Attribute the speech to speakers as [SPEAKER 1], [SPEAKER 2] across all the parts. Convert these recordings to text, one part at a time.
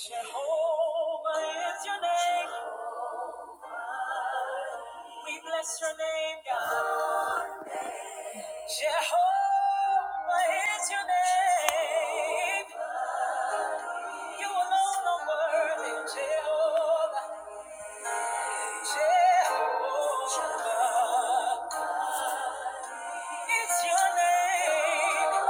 [SPEAKER 1] Jehovah is your name. We bless your name, God. Jehovah is your name. You alone are worthy, Jehovah. Jehovah is your name.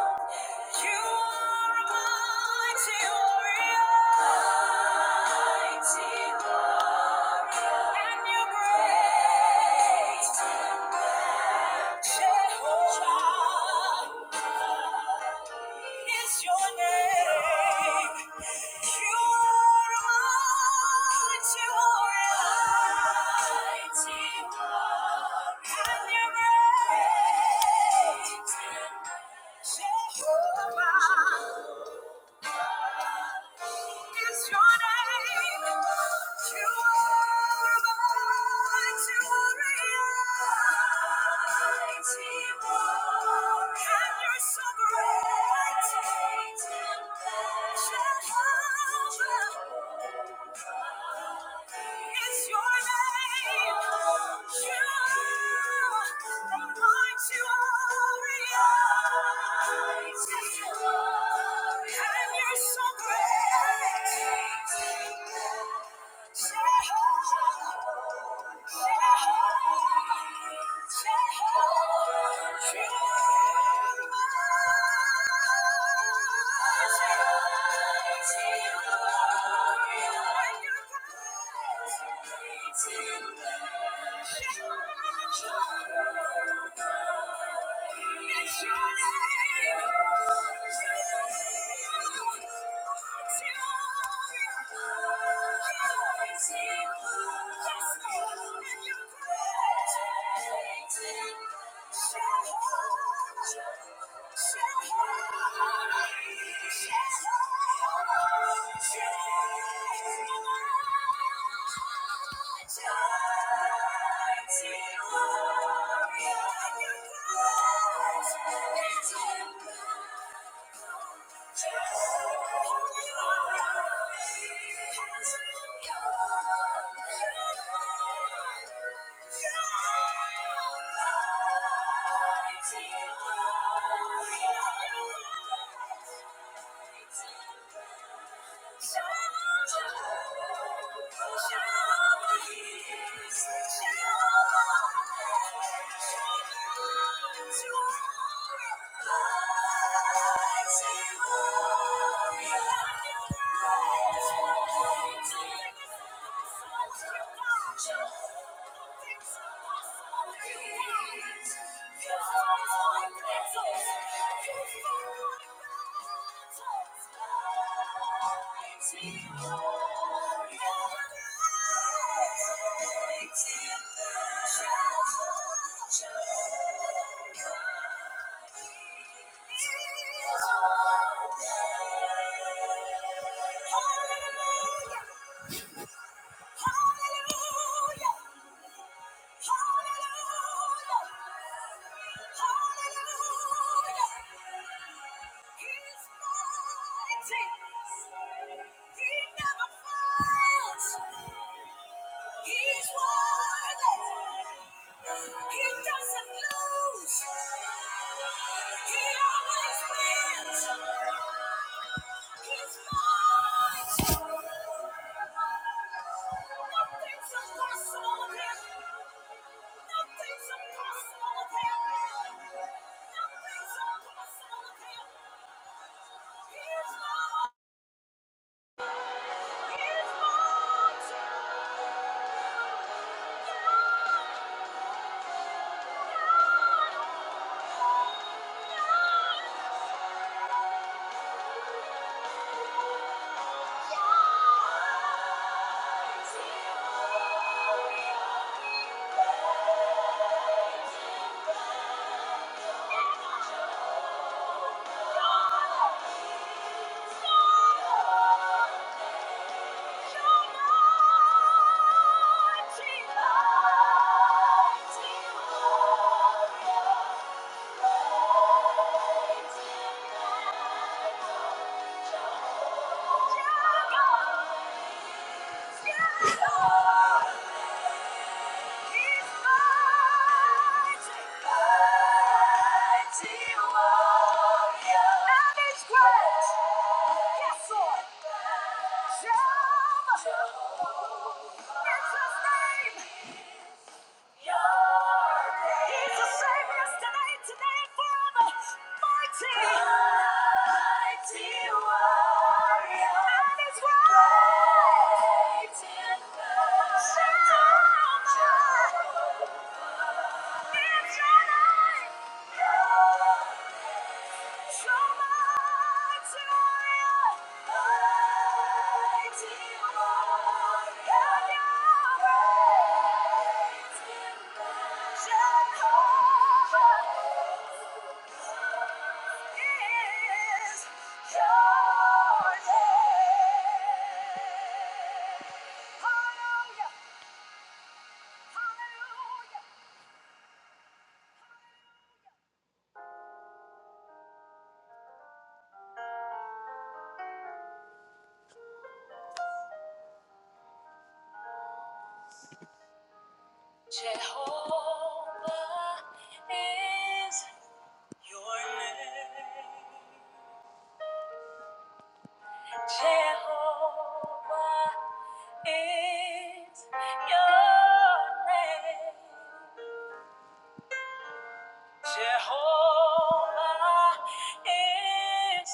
[SPEAKER 1] You are a mighty warrior. Mighty warrior. And you're great. in battle. Jehovah is your name. You are mighty warrior. Mighty warrior. And you're great. Jehovah is your name. You are mine, you And you're so great. It's your name. You, are the mighty warrior. And you're so great. Jehovah, Jehovah, Jehovah. You are Thank you. Thank you. Thank you. Thank you. Hallelujah! Hallelujah! He always wins. Yeah. Yes, Lord. Jehovah. It's his name. He's the same yesterday, today, and forever. Mighty, mighty warrior. And his word. Great in battle. Jehovah. Jehovah. It's your name. Jehovah is your name. Jehovah is your name. Jehovah is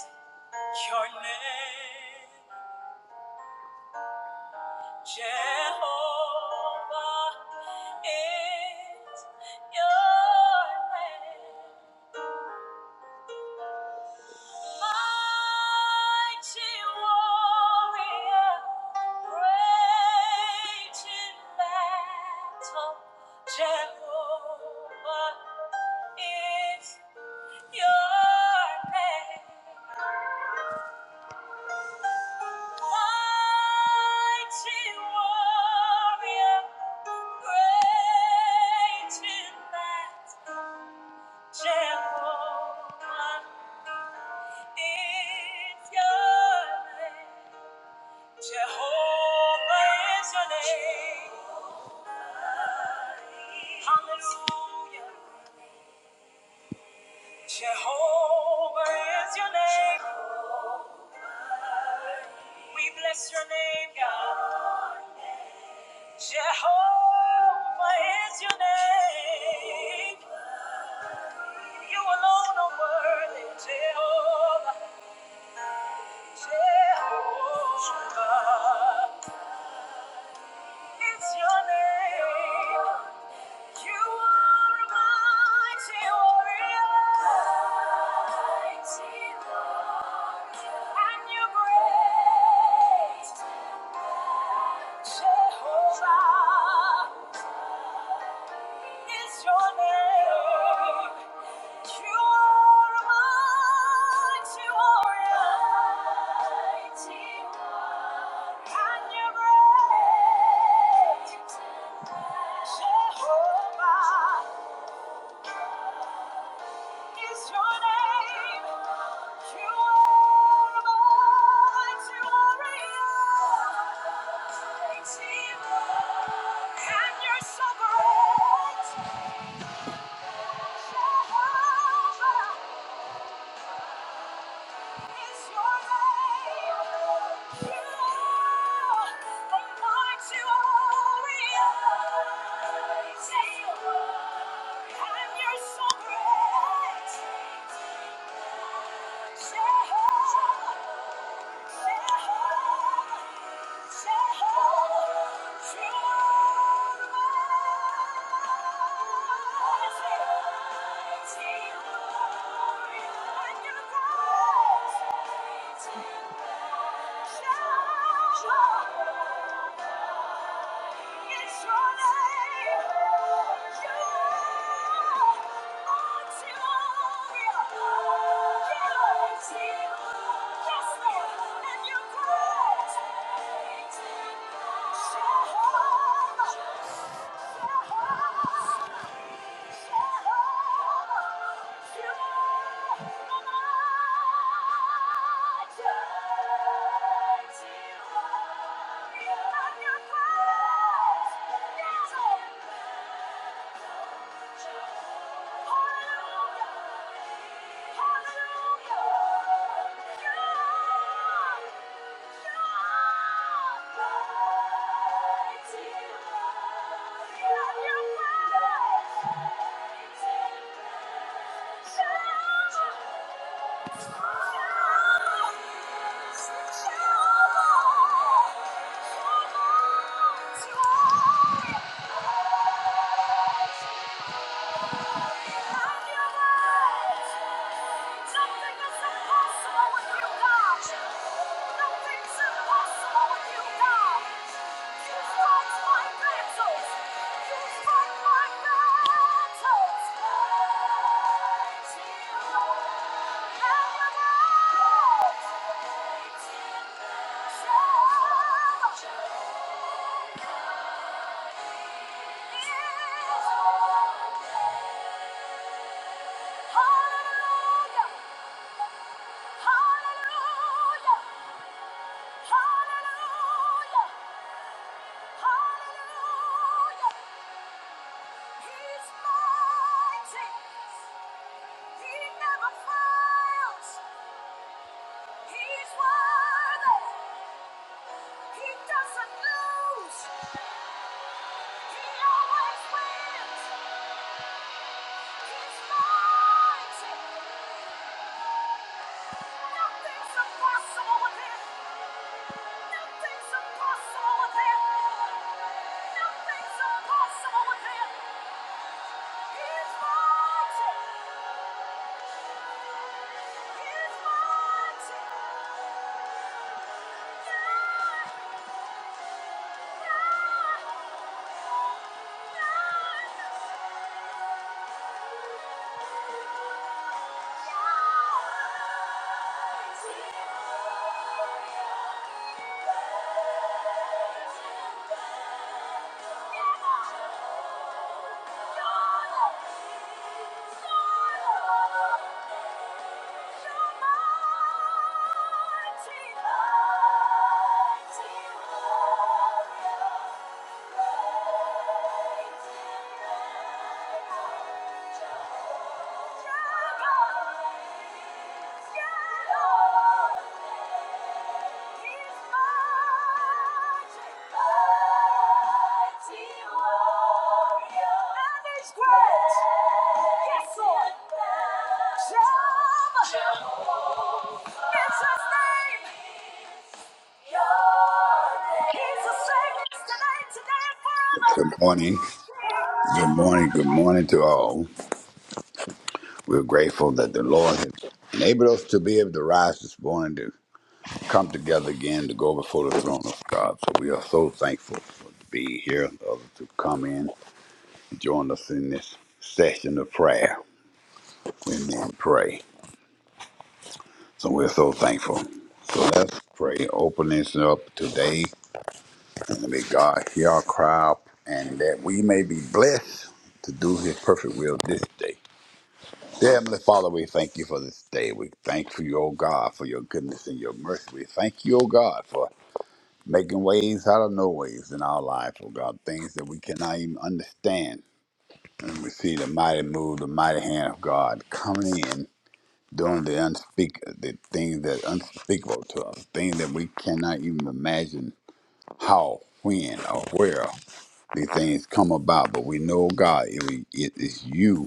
[SPEAKER 1] your name. Jehovah is your name. Mighty warrior, great in battle, Jehovah is your name. Mighty warrior, great in battle, Jehovah is your name. Jehovah is your name. Hallelujah. Jehovah is your name. We bless your name, God. Jehovah is your name. You alone are worthy, Jehovah. Jehovah is your name. You are mighty warrior. And you great. Jehovah is your name. You are mighty warrior. And you great. Jehovah is your name. You are mighty warrior. And you're sovereign. Jehovah is your name. You are a mighty warrior. And you're sovereign. Jehovah Thank you. Jehovah, Jehovah. Hallelujah! Nothing's impossible with you, God. He's mighty. He never fails. He's worthy. He doesn't lose. He always wins. He's mighty. Nothing's impossible with him. Nothing's impossible with him. Nothing's impossible with him. He's mighty. He's mighty. None, none, none. Yeah. Yeah, yeah. Great! Yes, Lord! Jehovah!
[SPEAKER 2] Good morning. Good morning. Good morning to all. We're grateful that the Lord has enabled us to be able to rise this morning to come together again to go before the throne of God. So we are so thankful for to be here, others to come in and join us in this session of prayer and then pray. So we're so thankful. So let's pray. Open this up today and may God hear our cry out and that we may be blessed to do his perfect will this day. Dear Heavenly Father, we thank you for this day. We thank you, O God, for your goodness and your mercy. We thank you, O God, for making ways out of no ways in our lives, O God, things that we cannot even understand. And we see the mighty move, the mighty hand of God coming in, doing the unspeak, the things that are unspeakable to us, things that we cannot even imagine how, when, or where these things come about. But we know, God, it, it is you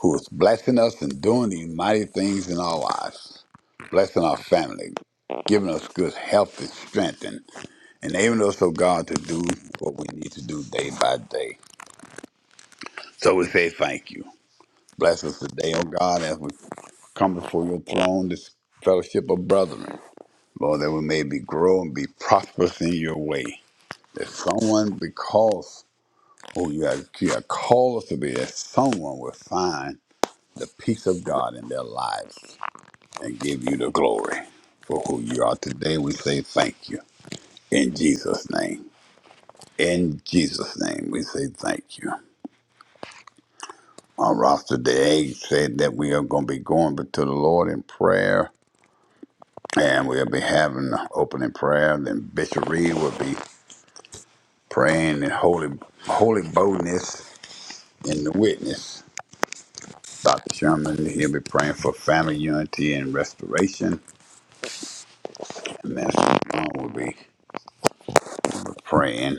[SPEAKER 2] who is blessing us and doing these mighty things in our lives, blessing our family, giving us good health and strength, and enabling us, oh God, to do what we need to do day by day. So we say thank you. Bless us today, oh God, as we come before your throne, this fellowship of brethren. Lord, that we may be grow and be prosperous in your way. That someone, because who you have, you have called us to be, that someone will find the peace of God in their lives. and give you the glory for who you are today. We say thank you in Jesus' name. In Jesus' name, we say thank you. Our roster day said that we are going to be going to the Lord in prayer, and we'll be having the opening prayer. Then Bishop Reed will be praying in holy, holy boldness in the witness. Dr. Sherman, he'll be praying for family unity and restoration. And Master John will be praying.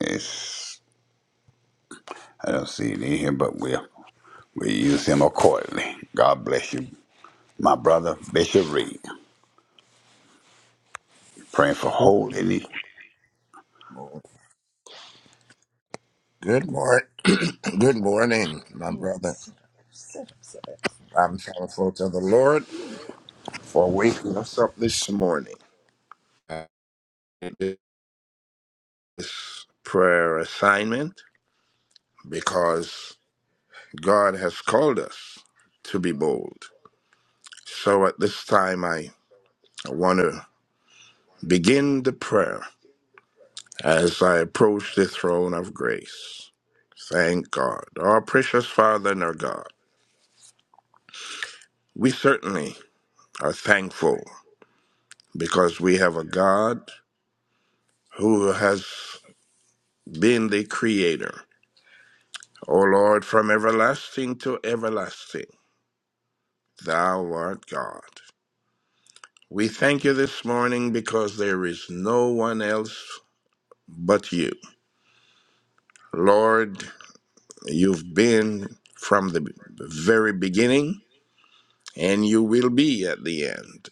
[SPEAKER 2] It's I don't see it in here, but we'll, we'll use him accordingly. God bless you, my brother, Bishop Reed. Praying for
[SPEAKER 3] Good
[SPEAKER 2] holiness.
[SPEAKER 3] morning. Good morning. Good morning, my brother. I'm thankful to the Lord for waking us up this morning. Uh, This prayer assignment because God has called us to be bold. So at this time, I want to begin the prayer as I approach the throne of grace. Thank God. Our precious Father and our God, we certainly are thankful because we have a God who has been the creator. O Lord, from everlasting to everlasting, thou art God. We thank you this morning because there is no one else but you. Lord, you've been from the very beginning and you will be at the end.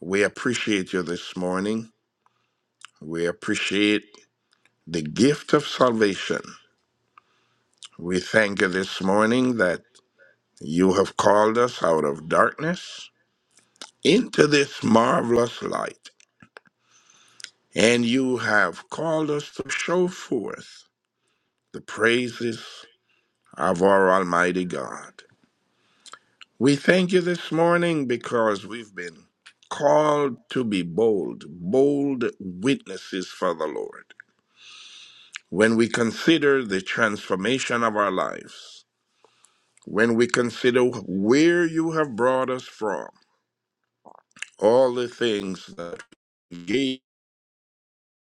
[SPEAKER 3] We appreciate you this morning. We appreciate the gift of salvation. We thank you this morning that you have called us out of darkness into this marvelous light, and you have called us to show forth the praises of our Almighty God. We thank you this morning because we've been called to be bold, bold witnesses for the Lord. When we consider the transformation of our lives, when we consider where you have brought us from, all the things that we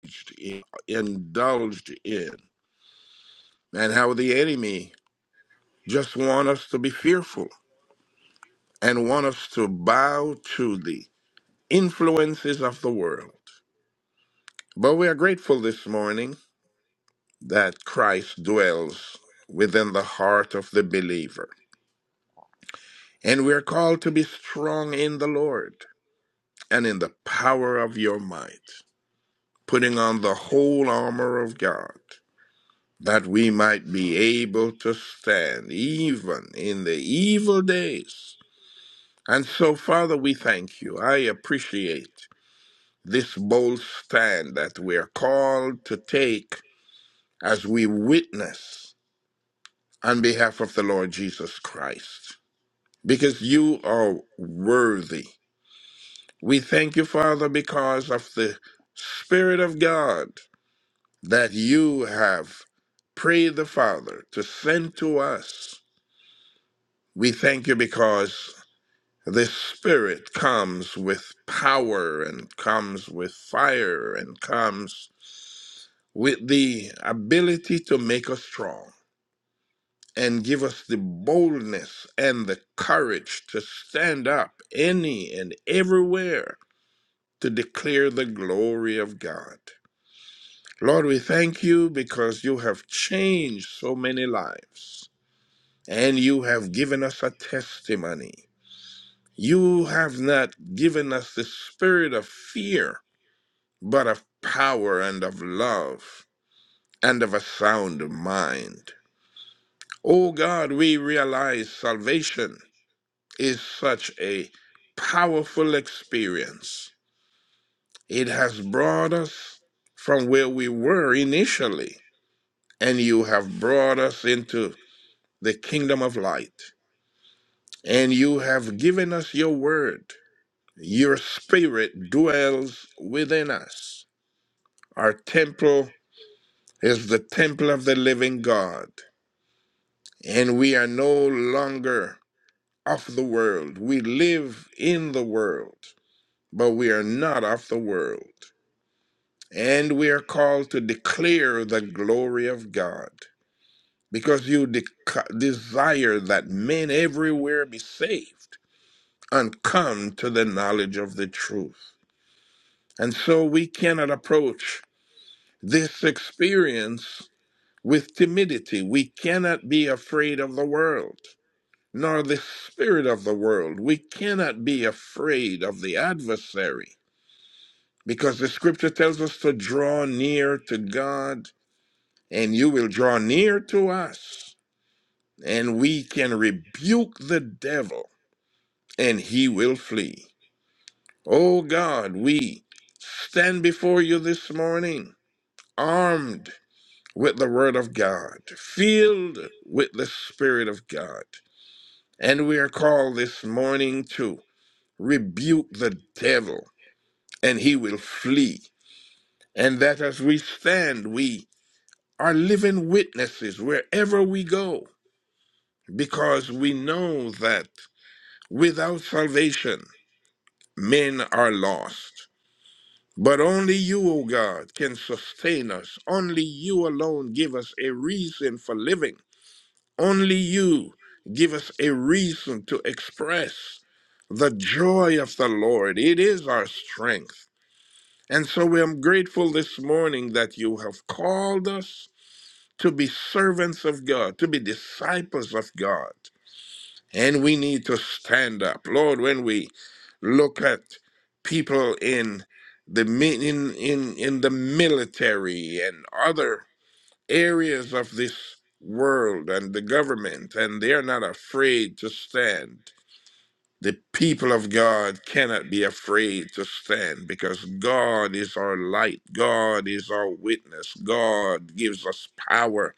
[SPEAKER 3] engaged in, indulged in, and how the enemy just want us to be fearful and want us to bow to the influences of the world. But we are grateful this morning that Christ dwells within the heart of the believer. And we are called to be strong in the Lord and in the power of your might, putting on the whole armor of God, that we might be able to stand even in the evil days. And so, Father, we thank you. I appreciate this bold stand that we are called to take as we witness on behalf of the Lord Jesus Christ, because you are worthy. We thank you, Father, because of the Spirit of God that you have prayed the Father to send to us. We thank you because This spirit comes with power and comes with fire and comes with the ability to make us strong and give us the boldness and the courage to stand up any and everywhere to declare the glory of God. Lord, we thank you because you have changed so many lives and you have given us a testimony. You have not given us the spirit of fear but of power and of love and of a sound mind. Oh God, we realize salvation is such a powerful experience. It has brought us from where we were initially, and you have brought us into the kingdom of light, and you have given us your word. Your spirit dwells within us. Our temple is the temple of the living God and we are no longer of the world. We live in the world, but we are not of the world. And we are called to declare the glory of God because you de- desire that men everywhere be saved and come to the knowledge of the truth. And so we cannot approach this experience with timidity. We cannot be afraid of the world nor the spirit of the world. We cannot be afraid of the adversary because the scripture tells us to draw near to God and you will draw near to us and we can rebuke the devil and he will flee. Oh God, we stand before you this morning armed with the word of God, filled with the spirit of God. And we are called this morning to. rebuke the devil and he will flee. And that as we stand, we are living witnesses wherever we go because we know that without salvation, men are lost. But only you, O God, can sustain us. Only you alone give us a reason for living. Only you give us a reason to express the joy of the Lord. It is our strength. And so we are grateful this morning that you have called us to be servants of God, to be disciples of God. And we need to stand up. Lord, when we look at people in the mi- in, in, in the military and other areas of this world and the government, and they're not afraid to stand. The people of God cannot be afraid to stand because God is our light. God is our witness. God gives us power.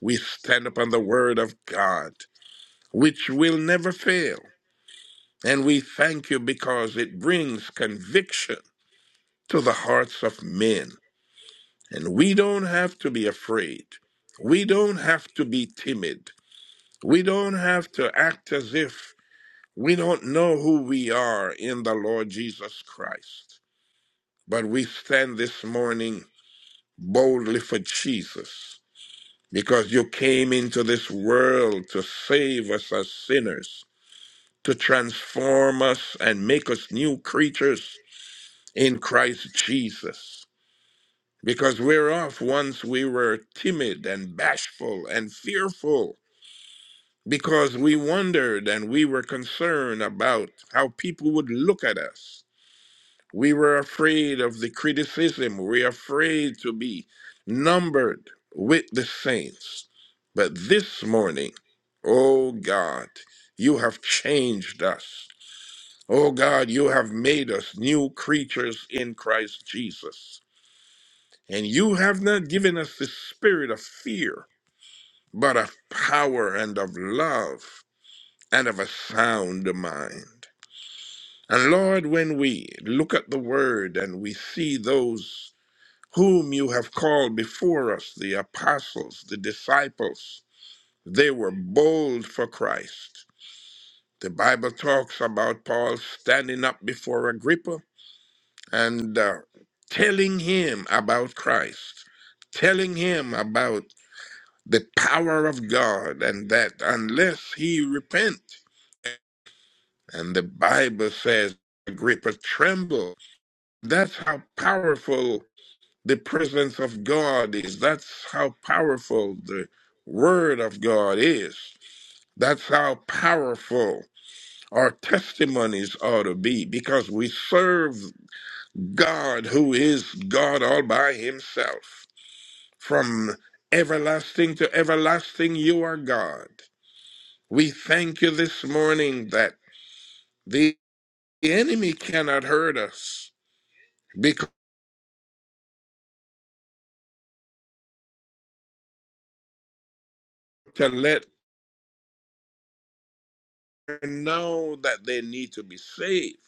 [SPEAKER 3] We stand upon the word of God, which will never fail. And we thank you because it brings conviction to the hearts of men. And we don't have to be afraid. We don't have to be timid. We don't have to act as if we don't know who we are in the Lord Jesus Christ. But we stand this morning boldly for Jesus because you came into this world to save us as sinners, to transform us and make us new creatures in Christ Jesus. Because whereof once we were timid and bashful and fearful, because we wondered and we were concerned about how people would look at us. We were afraid of the criticism. We are afraid to be numbered with the saints. But this morning, oh God, you have changed us. Oh God, you have made us new creatures in Christ Jesus. And you have not given us the spirit of fear, but of power and of love and of a sound mind. And Lord, when we look at the word and we see those whom you have called before us, the apostles, the disciples. They were bold for Christ. The Bible talks about Paul standing up before Agrippa and uh, telling him about Christ, telling him about the power of God, and that unless he repent, and the Bible says Agrippa trembled. That's how powerful the presence of God is. That's how powerful the Word of God is. That's how powerful our testimonies ought to be because we serve God who is God all by Himself. From everlasting to everlasting, you are God. We thank you this morning that the enemy cannot hurt us because to let them know that they need to be saved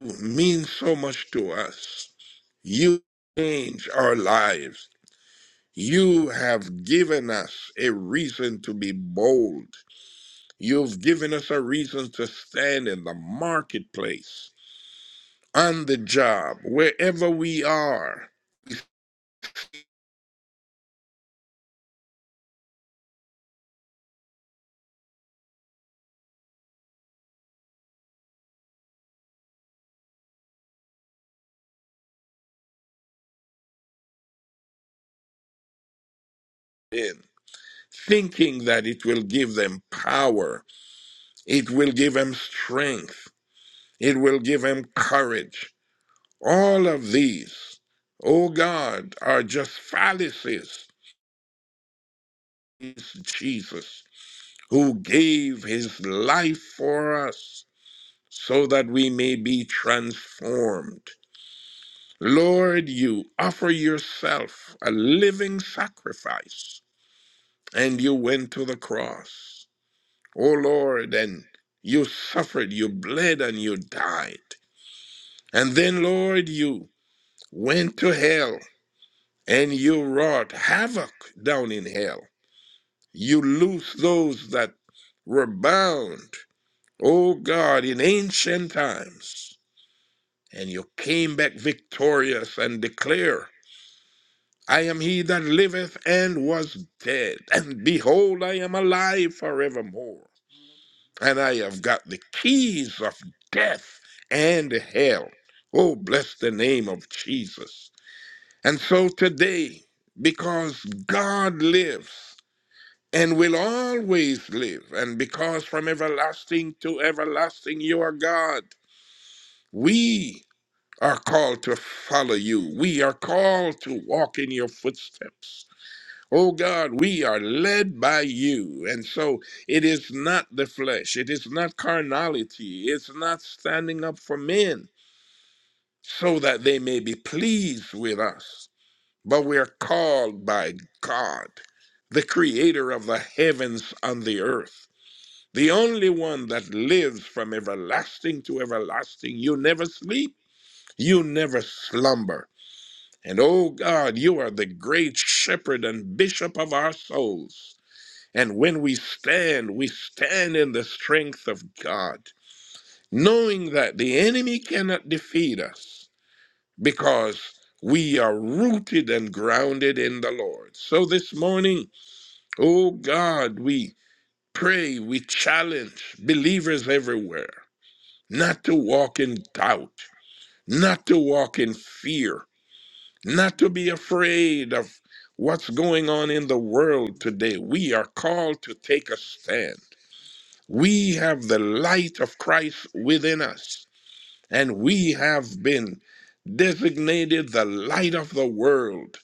[SPEAKER 3] means so much to us. You change our lives. You have given us a reason to be bold. You've given us a reason to stand in the marketplace, on the job, wherever we are, in, thinking that it will give them power, it will give them strength, it will give them courage. All of these, oh God, are just fallacies is Jesus, who gave his life for us so that we may be transformed. Lord, you offer yourself a living sacrifice, and you went to the cross. O Lord, and you suffered, you bled, and you died. And then, Lord, you went to hell, and you wrought havoc down in hell. You loosed those that were bound O God, in ancient times, and you came back victorious and declare, I am he that liveth and was dead, and behold, I am alive forevermore, and I have got the keys of death and hell. Oh, bless the name of Jesus. And so today, because God lives and will always live, and because from everlasting to everlasting you are God, we are called to follow you. We are called to walk in your footsteps. Oh God, we are led by you. And so it is not the flesh, it is not carnality, it's not standing up for men so that they may be pleased with us. But we are called by God, the creator of the heavens and the earth, the only one that lives from everlasting to everlasting. You never sleep, you never slumber. And O God, you are the great shepherd and bishop of our souls. And when we stand, we stand in the strength of God, knowing that the enemy cannot defeat us because we are rooted and grounded in the Lord. So this morning, O God, we pray, we challenge believers everywhere not to walk in doubt, not to walk in fear, not to be afraid of what's going on in the world today. We are called to take a stand. We have the light of Christ within us, and we have been designated the light of the world,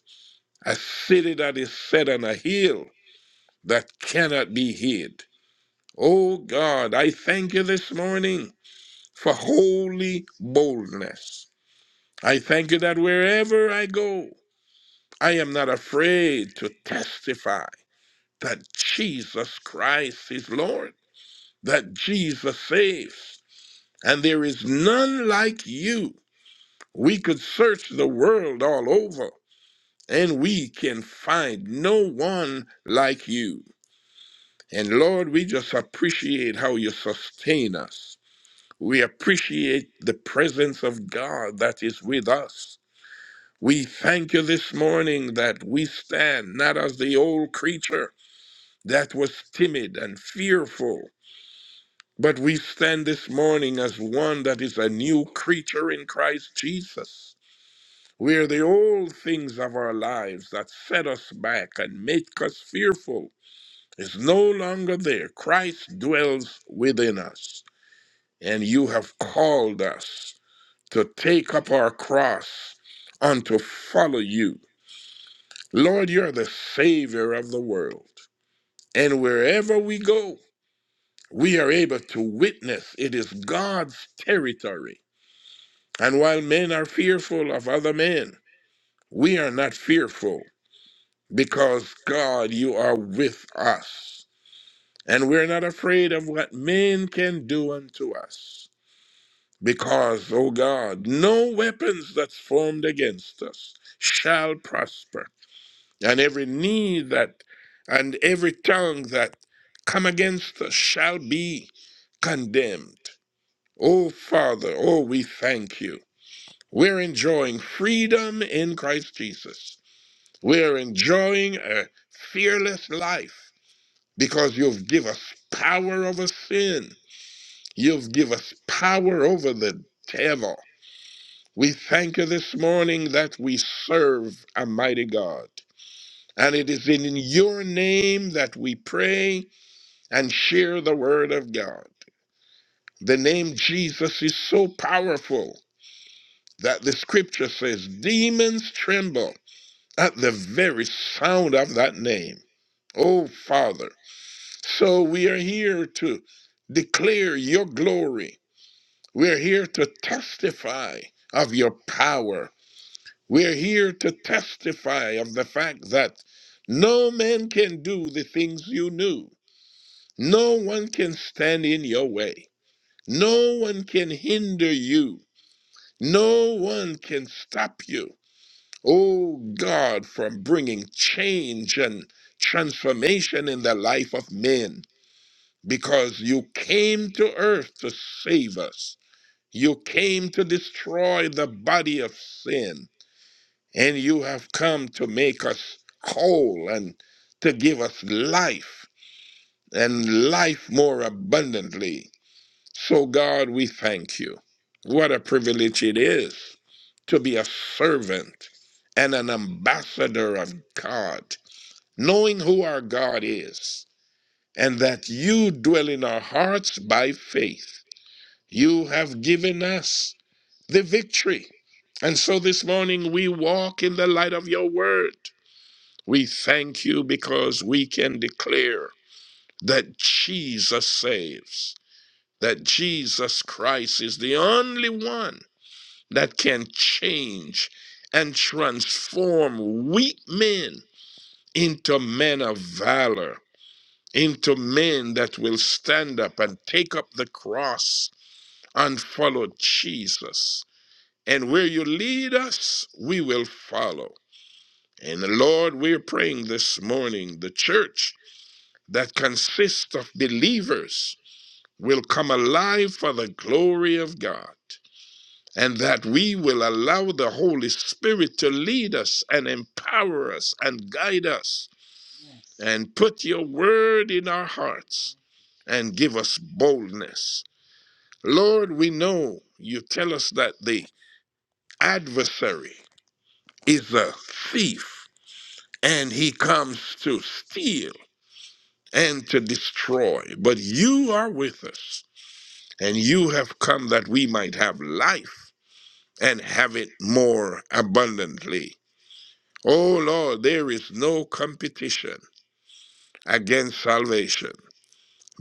[SPEAKER 3] a city that is set on a hill that cannot be hid. Oh God, I thank you this morning for holy boldness. I thank you that wherever I go, I am not afraid to testify that Jesus Christ is Lord, that Jesus saves, and there is none like you. We could search the world all over, and we can find no one like you. And Lord, we just appreciate how you sustain us. We appreciate the presence of God that is with us. We thank you this morning that we stand not as the old creature that was timid and fearful. But we stand this morning as one that is a new creature in Christ Jesus, where the old things of our lives that set us back and make us fearful is no longer there. Christ dwells within us, and you have called us to take up our cross and to follow you. Lord, you're the Savior of the world, and wherever we go, we are able to witness it is God's territory. And while men are fearful of other men, we are not fearful because God, you are with us. And we're not afraid of what men can do unto us. Because, O God, no weapons that's formed against us shall prosper. And every knee that and every tongue that come against us shall be condemned. Oh, Father, oh, we thank you. We're enjoying freedom in Christ Jesus. We're enjoying a fearless life because you've given us power over sin. You've given us power over the devil. We thank you this morning that we serve a mighty God. And it is in your name that we pray and share the word of God. The name Jesus is so powerful. that the scripture says demons tremble at the very sound of that name. Oh, Father. So we are here to declare your glory. We're here to testify of your power. We're here to testify of the fact that no man can do the things you do. No one can stand in your way. No one can hinder you. No one can stop you Oh God, from bringing change and transformation in the life of men, because you came to earth to save us. You came to destroy the body of sin, and you have come to make us whole and to give us life and life more abundantly. So, God, we thank you. What a privilege it is to be a servant and an ambassador of God, knowing who our God is, and that you dwell in our hearts by faith. You have given us the victory. And so this morning we walk in the light of your word. We thank you because we can declare that Jesus saves that Jesus Christ is the only one that can change and transform weak men into men of valor, into men that will stand up and take up the cross and follow Jesus. And where you lead us, we will follow. And Lord, we're praying this morning the church that consists of believers will come alive for the glory of God. and that we will allow the Holy Spirit to lead us and empower us and guide us and put your word in our hearts and give us boldness. Lord, we know you tell us that the adversary is a thief and he comes to steal and to destroy, but you are with us and you have come that we might have life and have it more abundantly. Oh Lord, there is no competition against salvation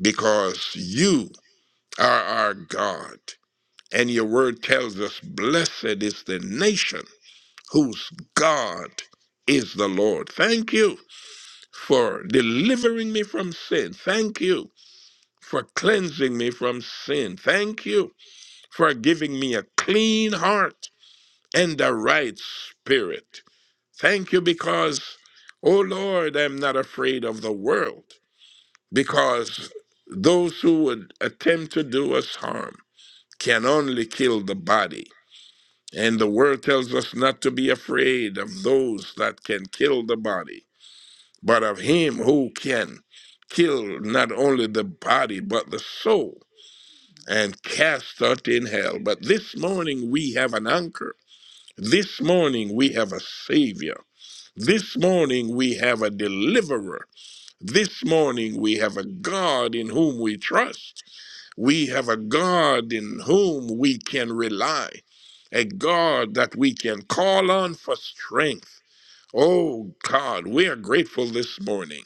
[SPEAKER 3] because you are our God. And your word tells us, blessed is the nation whose God is the Lord. Thank you for delivering me from sin. Thank you for cleansing me from sin. Thank you for giving me a clean heart and a right spirit. Thank you because, oh Lord, I'm not afraid of the world because those who would attempt to do us harm can only kill the body. And the word tells us not to be afraid of those that can kill the body, but of him who can kill not only the body, but the soul and cast out in hell. But this morning we have an anchor. This morning we have a savior. This morning we have a deliverer. This morning we have a God in whom we trust. We have a God in whom we can rely, a God that we can call on for strength. Oh God, we are grateful this morning.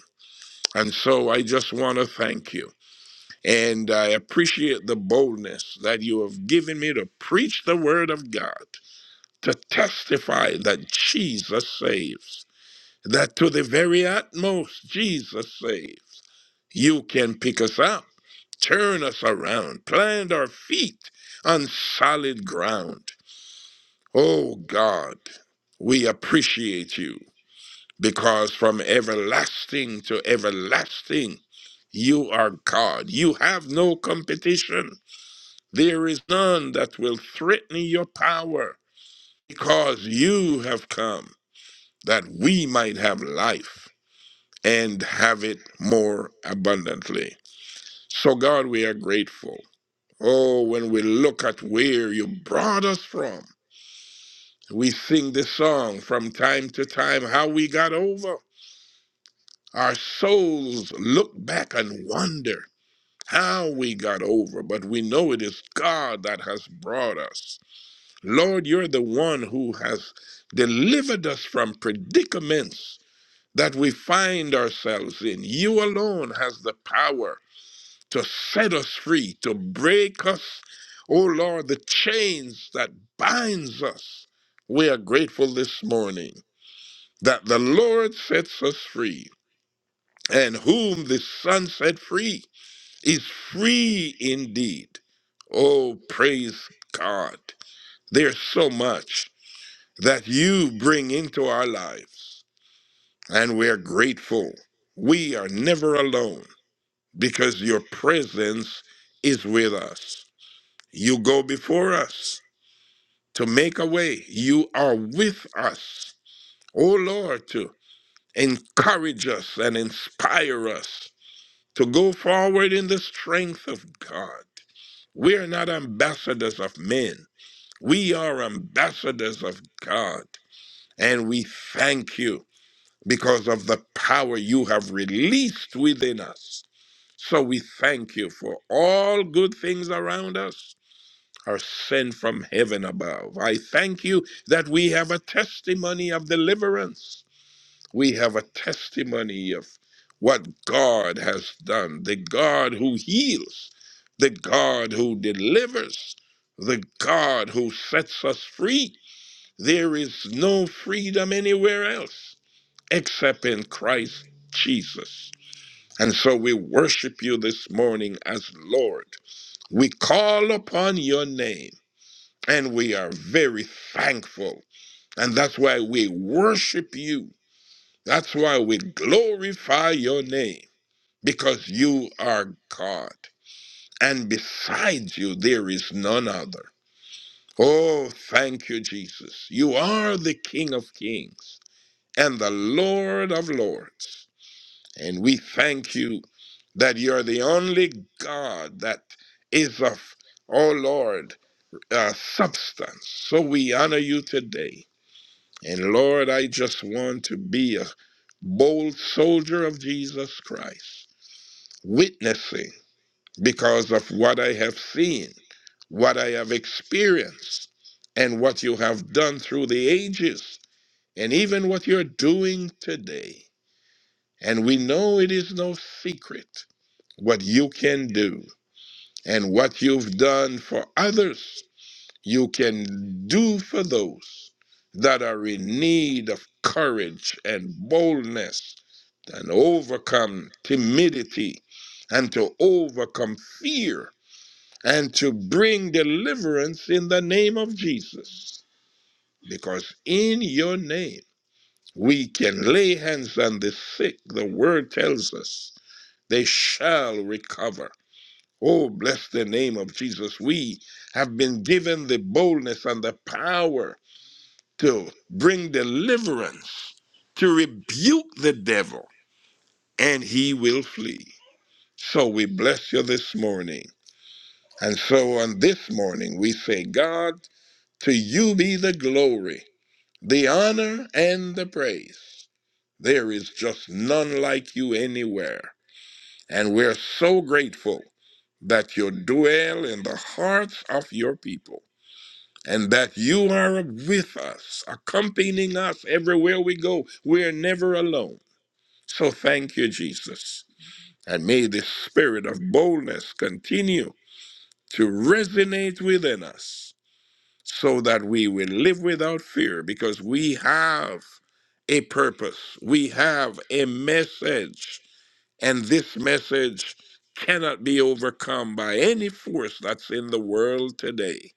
[SPEAKER 3] And so I just want to thank you. And I appreciate the boldness that you have given me to preach the word of God, to testify that Jesus saves, that to the very utmost, Jesus saves. You can pick us up turn us around, plant our feet on solid ground. Oh God, we appreciate you because from everlasting to everlasting, you are God. You have no competition. There is none that will threaten your power because you have come that we might have life and have it more abundantly. So, God, we are grateful. Oh, when we look at where you brought us from, we sing this song from time to time how we got over. Our souls look back and wonder how we got over, but we know it is God that has brought us. Lord, you're the one who has delivered us from predicaments that we find ourselves in. You alone has the power to set us free, to break us, oh Lord, the chains that binds us. We are grateful this morning that the Lord sets us free, and whom the Son set free is free indeed. Oh, praise God. There's so much that you bring into our lives, and we're grateful. We are never alone because your presence is with us. You go before us to make a way. You are with us, O Lord, to encourage us and inspire us to go forward in the strength of God. We are not ambassadors of men, we are ambassadors of God. And we thank you because of the power you have released within us. So we thank you for all good things around us are sent from heaven above. I thank you that we have a testimony of deliverance. We have a testimony of what God has done, the God who heals, the God who delivers, the God who sets us free. There is no freedom anywhere else except in Christ Jesus. And so we worship you this morning as Lord. We call upon your name and we are very thankful. And that's why we worship you. That's why we glorify your name, because you are God. And besides you, there is none other. Oh, thank you, Jesus. You are the King of kings and the Lord of lords. And we thank you that you're the only God that is of, oh Lord, uh, substance. So we honor you today. And Lord, I just want to be a bold soldier of Jesus Christ, witnessing because of what I have seen, what I have experienced, and what you have done through the ages, and even what you're doing today. And we know it is no secret what you can do and what you've done for others you can do for those that are in need of courage and boldness and overcome timidity and to overcome fear and to bring deliverance in the name of Jesus. Because in your name we can lay hands on the sick. The word tells us they shall recover. Oh, bless the name of Jesus. We have been given the boldness and the power to bring deliverance, to rebuke the devil, and he will flee. So we bless you this morning. And so on this morning, we say, God, to you be the glory, the honor, and the praise. There is just none like you anywhere. And we're so grateful that you dwell in the hearts of your people. and that you are with us, accompanying us everywhere we go. We are never alone. So thank you, Jesus. And may the spirit of boldness continue to resonate within us so that we will live without fear because we have a purpose, we have a message, and this message cannot be overcome by any force that's in the world today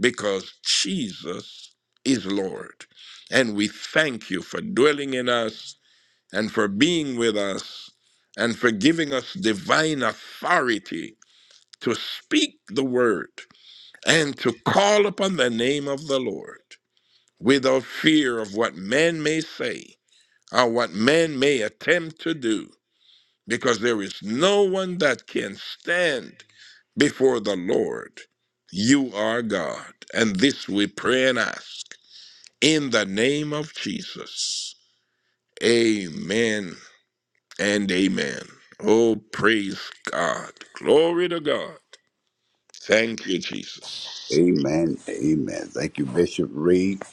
[SPEAKER 3] because Jesus is Lord. And we thank you for dwelling in us and for being with us and for giving us divine authority to speak the word and to call upon the name of the Lord without fear of what man may say or what man may attempt to do, because there is no one that can stand before the Lord. You are God. And this we pray and ask in the name of Jesus. Amen and amen. Oh, praise God. Glory to God. Thank you, Jesus.
[SPEAKER 2] Amen. Amen. Thank you, Bishop Reed.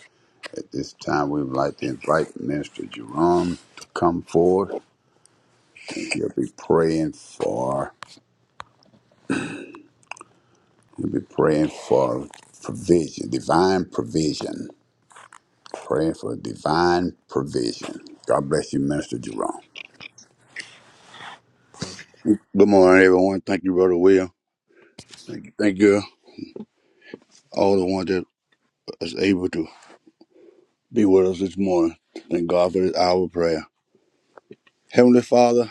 [SPEAKER 2] At this time, we would like to invite Minister Jerome to come forward. And he'll be praying for, he'll be praying for provision, divine provision. Praying for divine provision. God bless you, Minister Jerome.
[SPEAKER 4] Good morning, everyone. Thank you, Brother Will. Thank you, thank you, all the ones that is able to be with us this morning. Thank God for this hour of prayer. Heavenly Father,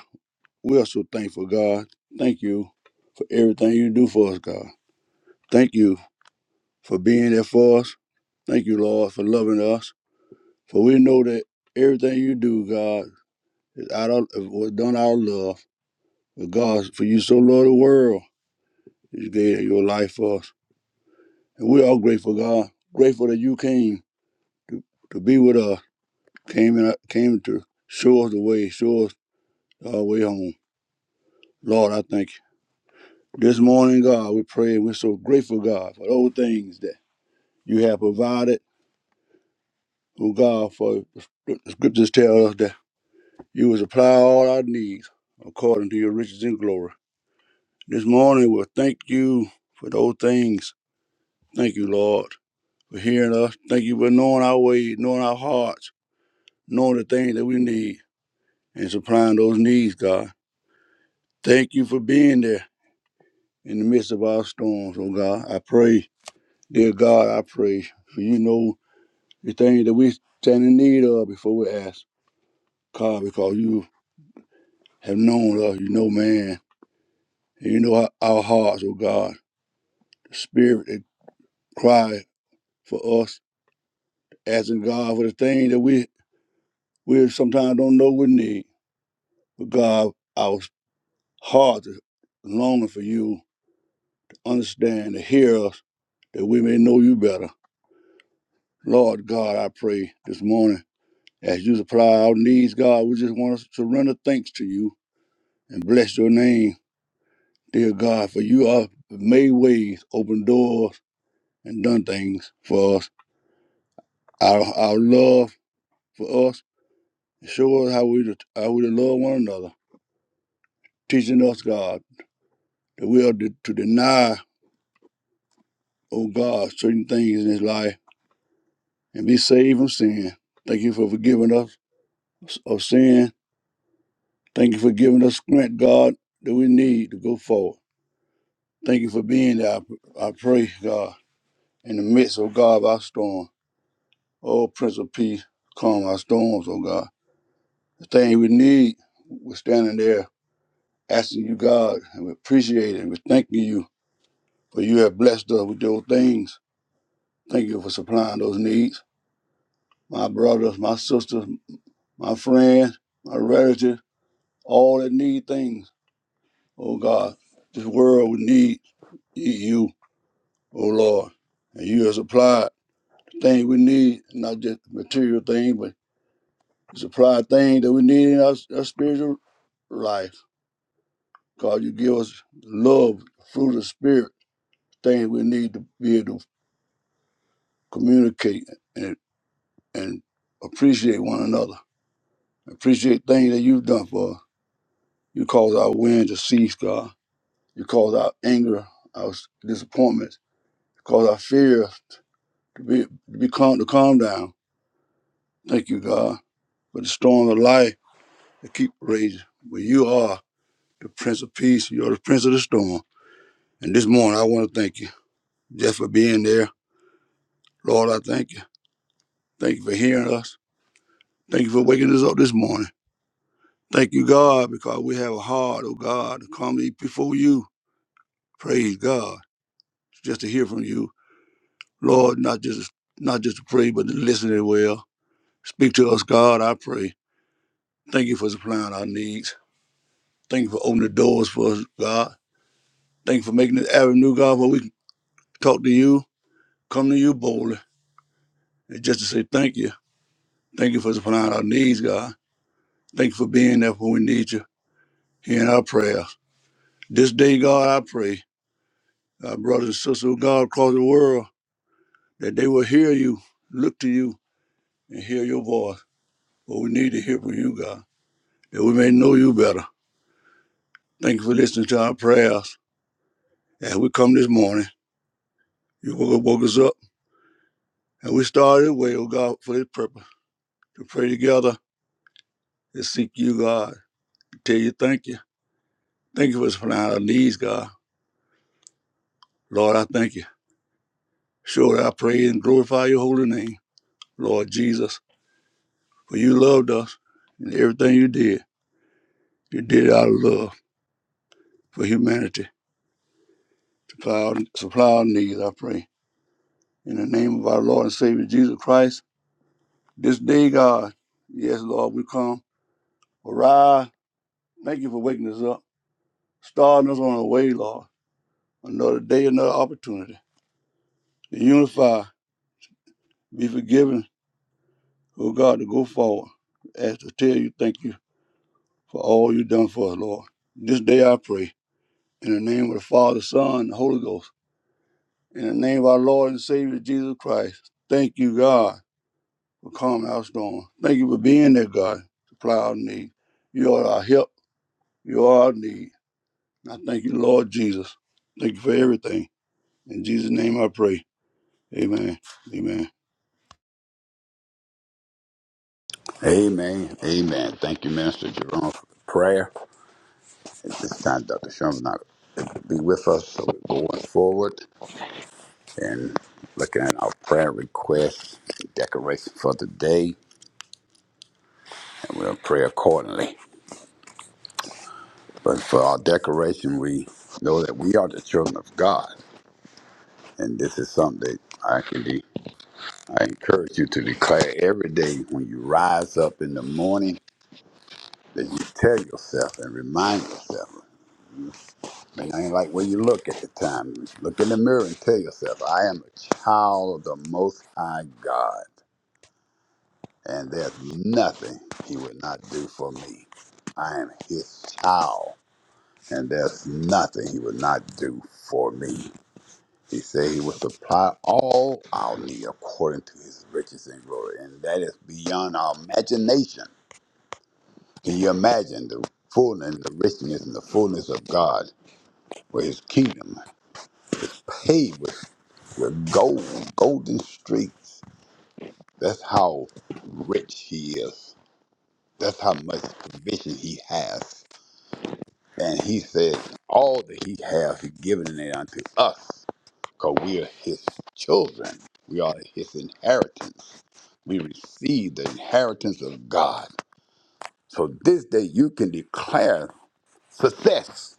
[SPEAKER 4] we are so thankful, God. Thank you for everything you do for us, God. Thank you for being there for us. Thank you, Lord, for loving us. For we know that everything you do, God, is out of was done out of love. But God, for you so loved the world, you gave your life for us, and we are grateful, God. Grateful that you came to be with us came in, came to show us the way, show us our way home. Lord, I thank you. This morning, God, we pray and we're so grateful, God, for all things that you have provided. Oh God, for the scriptures tell us that you will supply all our needs according to your riches and glory. This morning, we'll thank you for those things. Thank you, Lord, for hearing us. Thank you for knowing our ways, knowing our hearts, knowing the things that we need, and supplying those needs, God. Thank you for being there. in the midst of our storms, oh God. I pray, dear God, I pray for you know the things that we stand in need of before we ask. God, because you have known us, you know man, and you know our, our hearts, oh God, the spirit that cry for us, asking God for the things that we we sometimes don't know we need. But God, our hearts are longing for you to understand, to hear us, that we may know you better. Lord God, I pray this morning As you supply our needs, God, we just want to surrender thanks to you and bless your name, dear God, for you have made ways, opened doors, and done things for us. Our, our love for us, show us how we to, how we to love one another, teaching us, God, that we are to, to deny, oh God, certain things in this life and be saved from sin. Thank you for forgiving us of sin. Thank you for giving us strength, God, that we need to go forward. Thank you for being there. I, I pray, God. in the midst, O God, of our storm. O Prince of Peace, calm our storms, O God. The thing we need, we're standing there asking you, God, and we appreciate it, and we're thanking you for you have blessed us with those things. Thank you for supplying those needs. My brothers, my sisters, my friends, my relatives, all that need things, O God. This world would need you, O Lord. And you have supplied the things we need, not just material things, but Supply things that we need in our, our spiritual life. Cause you give us love, fruit of spirit, things we need to be able to communicate and, and appreciate one another. Appreciate things that you've done for us. You cause our wind to cease, God. You cause our anger, our s- disappointments, you cause our fear to be to be calm to calm down. Thank you, God, for the storm of life that keep raging. But you are the Prince of Peace. You're the Prince of the storm. And this morning, I want to thank you just for being there. Lord, I thank you. Thank you for hearing us. Thank you for waking us up this morning. Thank you, God, because we have a heart, oh God, to come eat before you. Praise God. Just to hear from you. Lord, not just not just to pray, but to listen as well. Speak to us, God, I pray. Thank you for supplying our needs. Thank you for opening the doors for us, God. Thank you for making this avenue, God, where we can talk to you, come to you boldly, and just to say thank you. Thank you for supplying our needs, God. Thank you for being there when we need you. Hearing our prayers. This day, God, I pray, our brothers and sisters of God across the world, that they will hear you, look to you, and hear your voice. But we need to hear from you, God, that we may know you better. Thank you for listening to our prayers. As we come this morning, you woke woke us up, and we started away, oh God, for this purpose, to pray together, to seek you, God, to tell you thank you. Thank you for supplying our needs, God. Lord, I thank you. Sure, I pray and glorify your holy name. Lord Jesus, For you loved us, and everything you did, you did it out of love for humanity. Supply our, supply our needs, I pray. In the name of our Lord and Savior Jesus Christ, this day, God, yes, Lord, we come. Arise. Thank you for waking us up, starting us on our way, Lord. Another day, another opportunity to unify, be forgiven, oh God, to go forward. Ask to tell you thank you for all you've done for us, Lord. This day I pray in the name of the Father, Son, and the Holy Ghost. In the name of our Lord and Savior Jesus Christ, thank you, God, for calming our storm. Thank you for being there, God, to supply our need. You are our help. You are our need. And I thank you, Lord Jesus. Thank you for everything. In Jesus' name I pray. Amen. Amen.
[SPEAKER 2] Amen. Amen. Thank you, Minister Jerome, for the prayer. At this time, Dr. Sherman not able to be with us, so we're going forward and looking at our prayer requests, decoration for the day, and we'll pray accordingly. But for our decoration, we know that we are the children of God, and this is something that I can be. I encourage you to declare every day when you rise up in the morning that you tell yourself and remind yourself. And I ain't like where you look at the time. Look in the mirror and tell yourself, I am a child of the Most High God, and there's nothing He would not do for me. I am His child, and there's nothing He would not do for me. He said He would supply all our need according to His riches and glory, and that is beyond our imagination. Can you imagine the fullness, the richness, and the fullness of God, where His kingdom paid with The gold, golden streets. That's how rich he is. That's how much provision he has. And he said, all that he has, he given it unto us, because we are his children. We are his inheritance. We receive the inheritance of God. So this day you can declare success,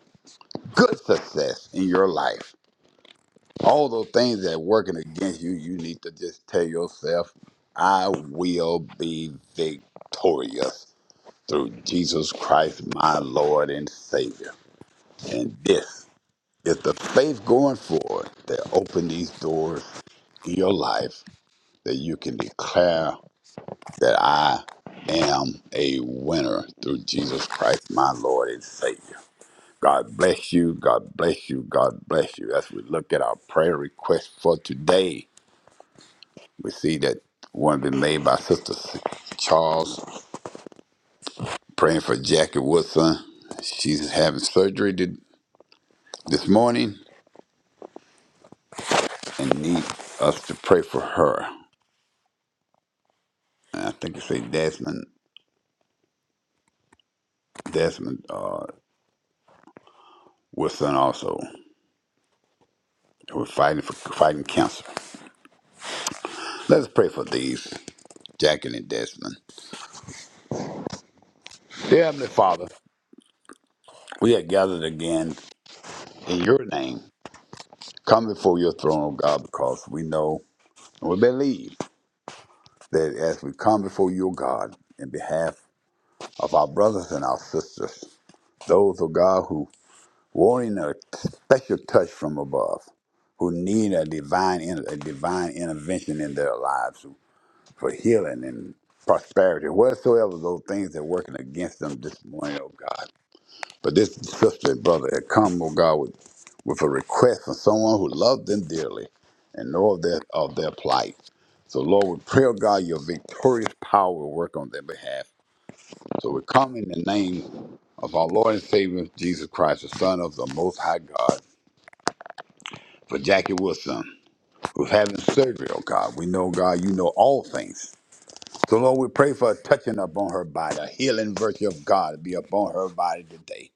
[SPEAKER 2] good success in your life all those things that working against you, you need to just tell yourself, I will be victorious through Jesus Christ, my Lord and Savior. And this is the faith going forward that open these doors in your life that you can declare that I am a winner through Jesus Christ, my Lord and Savior. God bless you. God bless you. God bless you. As we look at our prayer request for today, We see that one been made by Sister Charles praying for Jackie Woodson. She's having surgery th- this morning and need us to pray for her. And I think you say Desmond, Desmond uh, Woodson also. We're fighting for fighting cancer. Let's pray for these, Jackie and Desmond. Dear Heavenly Father, we are gathered again in your name. Come before your throne, O God, because we know and we believe that as we come before your God in behalf of our brothers and our sisters, those of God who wanting a special touch from above, who need a divine in- a divine intervention in their lives for healing and prosperity, whatsoever those things that are working against them this morning, O God. But this sister and brother had come, oh God, with, with a request from someone who loved them dearly and know of their, of their plight. So, Lord, we pray, oh God, your victorious power will work on their behalf. So we come in the name of our Lord and Savior, Jesus Christ, the Son of the Most High God, for Jackie Wilson, who's having surgery, oh God. We know, God, you know all things. So, Lord, we pray for a touching upon her body, a healing virtue of God be upon her body today.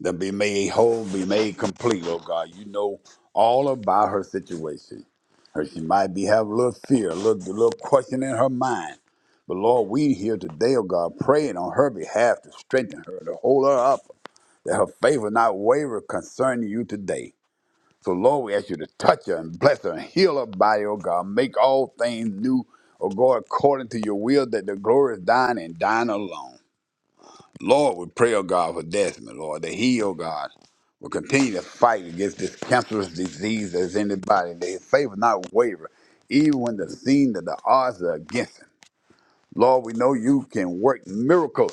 [SPEAKER 2] that be made whole, be made complete, oh God. You know all about her situation. Her she might be have a little fear, a little, a little question in her mind. But Lord, we here today, oh God, praying on her behalf to strengthen her, to hold her up, that her faith will not waver concerning you today. So Lord, we ask you to touch her and bless her and heal her body, oh God. Make all things new, oh God, according to your will, that the glory is thine and thine alone. Lord, we pray, oh God, for Desmond, Lord, that he, oh God, will continue to fight against this cancerous disease that's in his body, that his faith will not waver, even when the scene that the odds are against him. Lord, we know you can work miracles.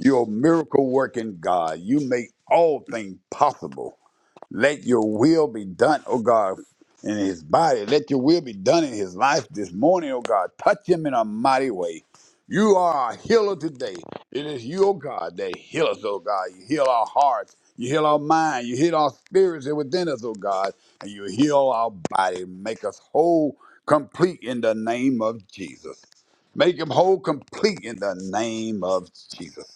[SPEAKER 2] You're a miracle working God. You make all things possible. Let your will be done, oh God, in his body. Let your will be done in his life this morning, oh God. Touch him in a mighty way. You are a healer today. It is you, oh God, that heal us, oh God. You heal our hearts. You heal our mind. You heal our spirits that within us, oh God. And you heal our body. Make us whole, complete in the name of Jesus. Make him whole, complete in the name of Jesus.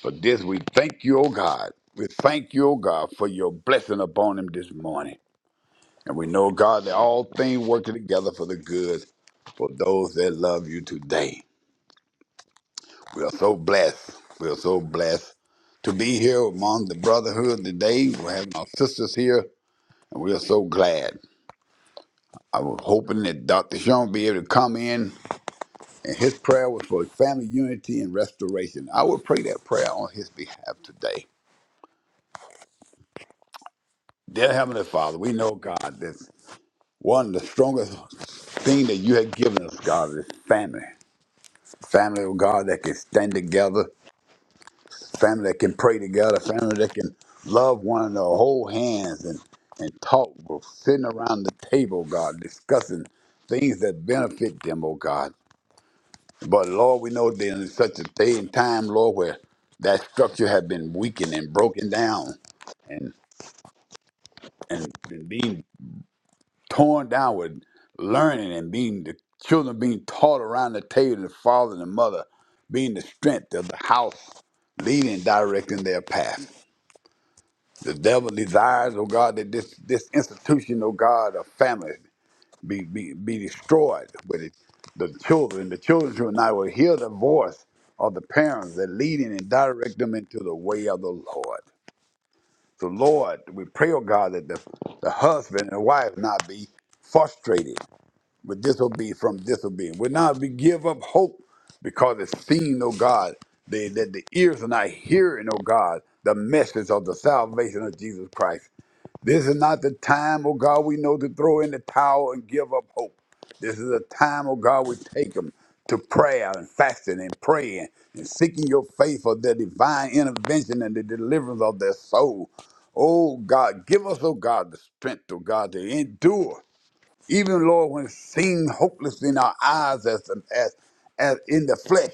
[SPEAKER 2] For this we thank you, O God. We thank you, O God, for your blessing upon him this morning. And we know, God, that all things work together for the good for those that love you today. We are so blessed. We are so blessed to be here among the brotherhood today. We have our sisters here, and we are so glad. I was hoping that Dr. Sean be able to come in, and his prayer was for family unity and restoration. I would pray that prayer on his behalf today. Dear Heavenly Father, we know, God, this. One, of the strongest thing that you have given us, God, is family. Family, oh God, that can stand together, family that can pray together, family that can love one another, hold hands and, and talk, bro, sitting around the table, God, discussing things that benefit them, oh God. But Lord, we know that in such a day and time, Lord, where that structure has been weakened and broken down and and, and being torn down with learning and being the children being taught around the table, the father and the mother being the strength of the house, leading and directing their path. The devil desires, oh God, that this this institution, oh God, of family be be, be destroyed with it. The children, the children who and I will hear the voice of the parents that leading and direct them into the way of the Lord. So Lord, we pray, oh God, that the, the husband and wife not be frustrated but disobedience from disobedience. But now we give up hope because it's seen, oh God, they, that the ears are not hearing, oh God, the message of the salvation of Jesus Christ. This is not the time, oh God, we know to throw in the towel and give up hope. This is a time, oh God, we take them to prayer and fasting and praying and seeking your faith for the divine intervention and the deliverance of their soul. Oh God, give us, oh God, the strength, oh God, to endure even Lord, when it seemed hopeless in our eyes as, as as in the flesh,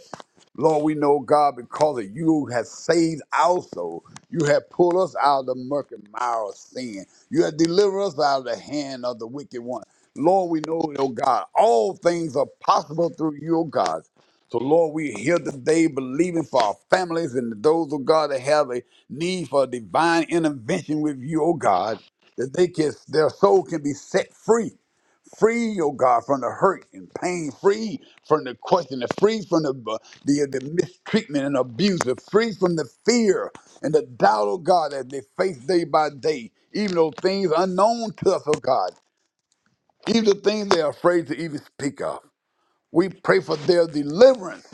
[SPEAKER 2] Lord, we know God because of you have saved our soul. You have pulled us out of the murky mire of sin. You have delivered us out of the hand of the wicked one. Lord, we know, oh God, all things are possible through you, oh God. So, Lord, we're here today believing for our families and those of God that have a need for divine intervention with you, oh God, that they can, their soul can be set free Free, oh God, from the hurt and pain. Free from the question. Free from the, uh, the the mistreatment and abuse. Free from the fear and the doubt, oh God, that they face day by day. Even those things unknown to us, oh God. Even the things they are afraid to even speak of. We pray for their deliverance,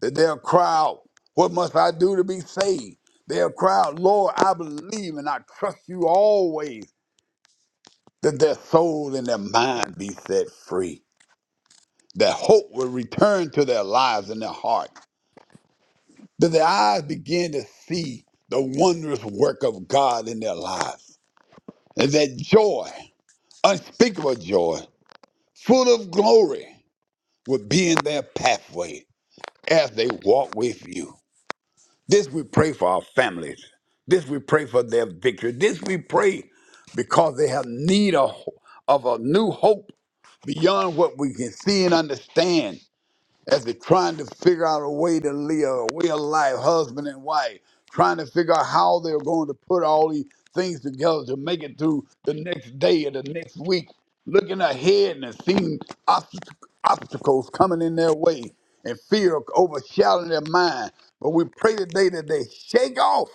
[SPEAKER 2] that they'll cry out, What must I do to be saved? They'll cry out, Lord, I believe and I trust you always, that their soul and their mind be set free. that hope will return to their lives and their heart, that their eyes begin to see the wondrous work of God in their lives, and that joy, unspeakable joy, full of glory, will be in their pathway as they walk with you. This we pray for our families. This we pray for their victory. This we pray because they have need of, of a new hope beyond what we can see and understand as they're trying to figure out a way to live, a way of life, husband and wife, trying to figure out how they're going to put all these things together to make it through the next day or the next week, looking ahead and seeing obst- obstacles coming in their way and fear overshadowing their mind. But we pray today that they shake off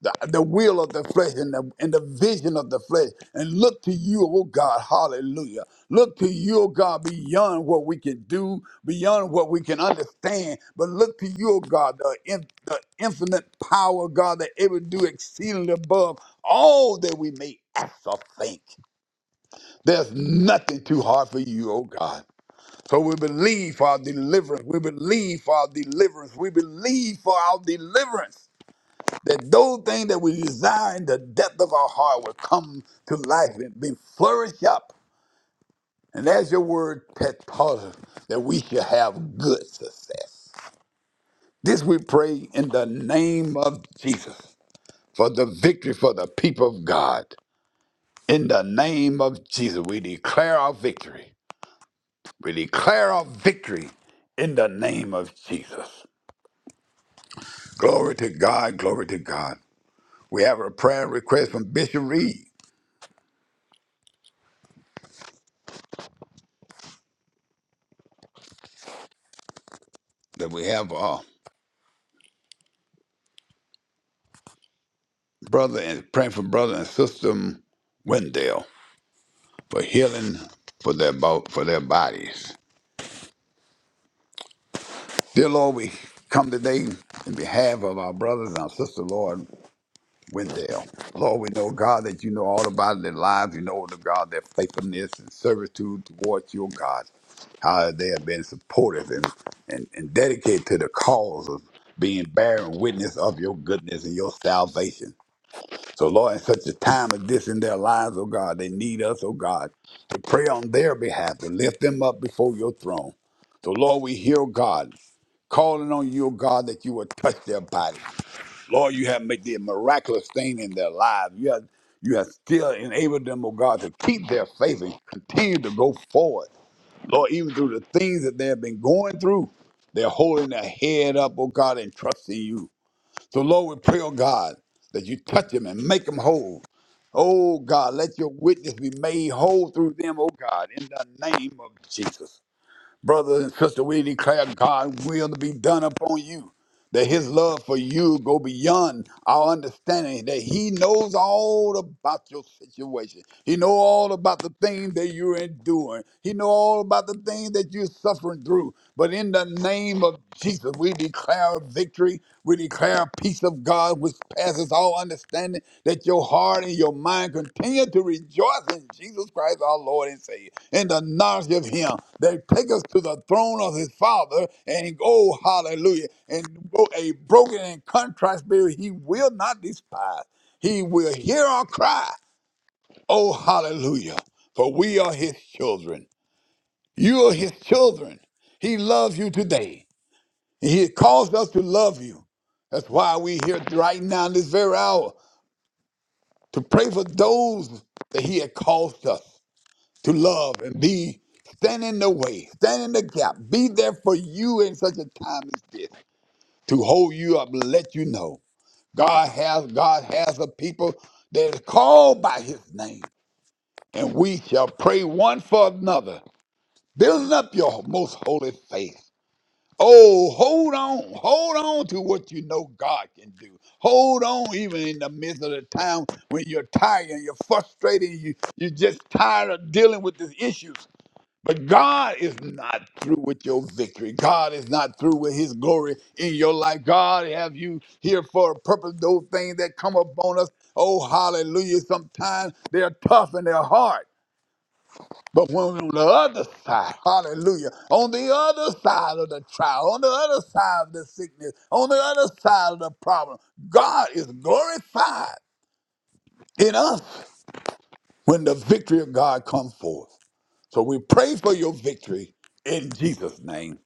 [SPEAKER 2] the, the will of the flesh and the, and the vision of the flesh and look to you, oh God, hallelujah. Look to you, oh God, beyond what we can do, beyond what we can understand, but look to you, oh God, the, in, the infinite power, God, that able to do exceedingly above all that we may ask or think. There's nothing too hard for you, oh God. So we believe for our deliverance. We believe for our deliverance. We believe for our deliverance that those things that we desire in the depth of our heart will come to life and be flourished up. And as your word has taught us, that we shall have good success. This we pray in the name of Jesus for the victory for the people of God. In the name of Jesus, we declare our victory. We declare our victory in the name of Jesus. Glory to God, glory to God. We have a prayer request from Bishop Reed that we have. uh, brother and praying for brother and sister um, Wendell for healing for their bo- for their bodies. Dear Lord, we come today in behalf of our brothers and our sister, Lord Wendell. Lord, we know God that you know all about their lives. You know the God their faithfulness and servitude towards your God. How they have been supportive and, and, and dedicated to the cause of being bearing witness of your goodness and your salvation. So, Lord, in such a time as this in their lives, oh God, they need us, oh God, to pray on their behalf, to lift them up before your throne. So, Lord, we hear, oh God, calling on you, oh God, that you will touch their body. Lord, you have made the miraculous thing in their lives. You have, you have still enabled them, oh God, to keep their faith and continue to go forward. Lord, even through the things that they have been going through, they're holding their head up, oh God, and trusting you. So, Lord, we pray, oh God, that you touch them and make them whole. Oh God, let your witness be made whole through them, oh God, in the name of Jesus. brothers and sisters, we declare God's will to be done upon you. That his love for you go beyond our understanding, that he knows all about your situation. He know all about the things that you're enduring. He know all about the things that you're suffering through. But in the name of Jesus, we declare victory. We declare peace of God, which passes all understanding, that your heart and your mind continue to rejoice in Jesus Christ, our Lord and Savior, in the knowledge of Him that take us to the throne of His Father, and oh, hallelujah, and bro- a broken and contrite spirit He will not despise. He will hear our cry, oh, hallelujah, for we are His children. You are His children. He loves you today. He has caused us to love you. That's why we here right now in this very hour to pray for those that He had caused us to love and be, stand in the way, stand in the gap, be there for you in such a time as this, to hold you up, and let you know God has God has a people that is called by His name, and we shall pray one for another, building up your most holy faith. Oh, hold on, hold on to what you know God can do. Hold on, even in the midst of the time when you're tired and you're frustrated, and you you're just tired of dealing with these issues. But God is not through with your victory. God is not through with His glory in your life. God have you here for a purpose. Those things that come upon us, oh hallelujah! Sometimes they're tough and they're hard. But when on the other side, hallelujah, on the other side of the trial, on the other side of the sickness, on the other side of the problem, God is glorified in us when the victory of God comes forth. So we pray for your victory in Jesus' name.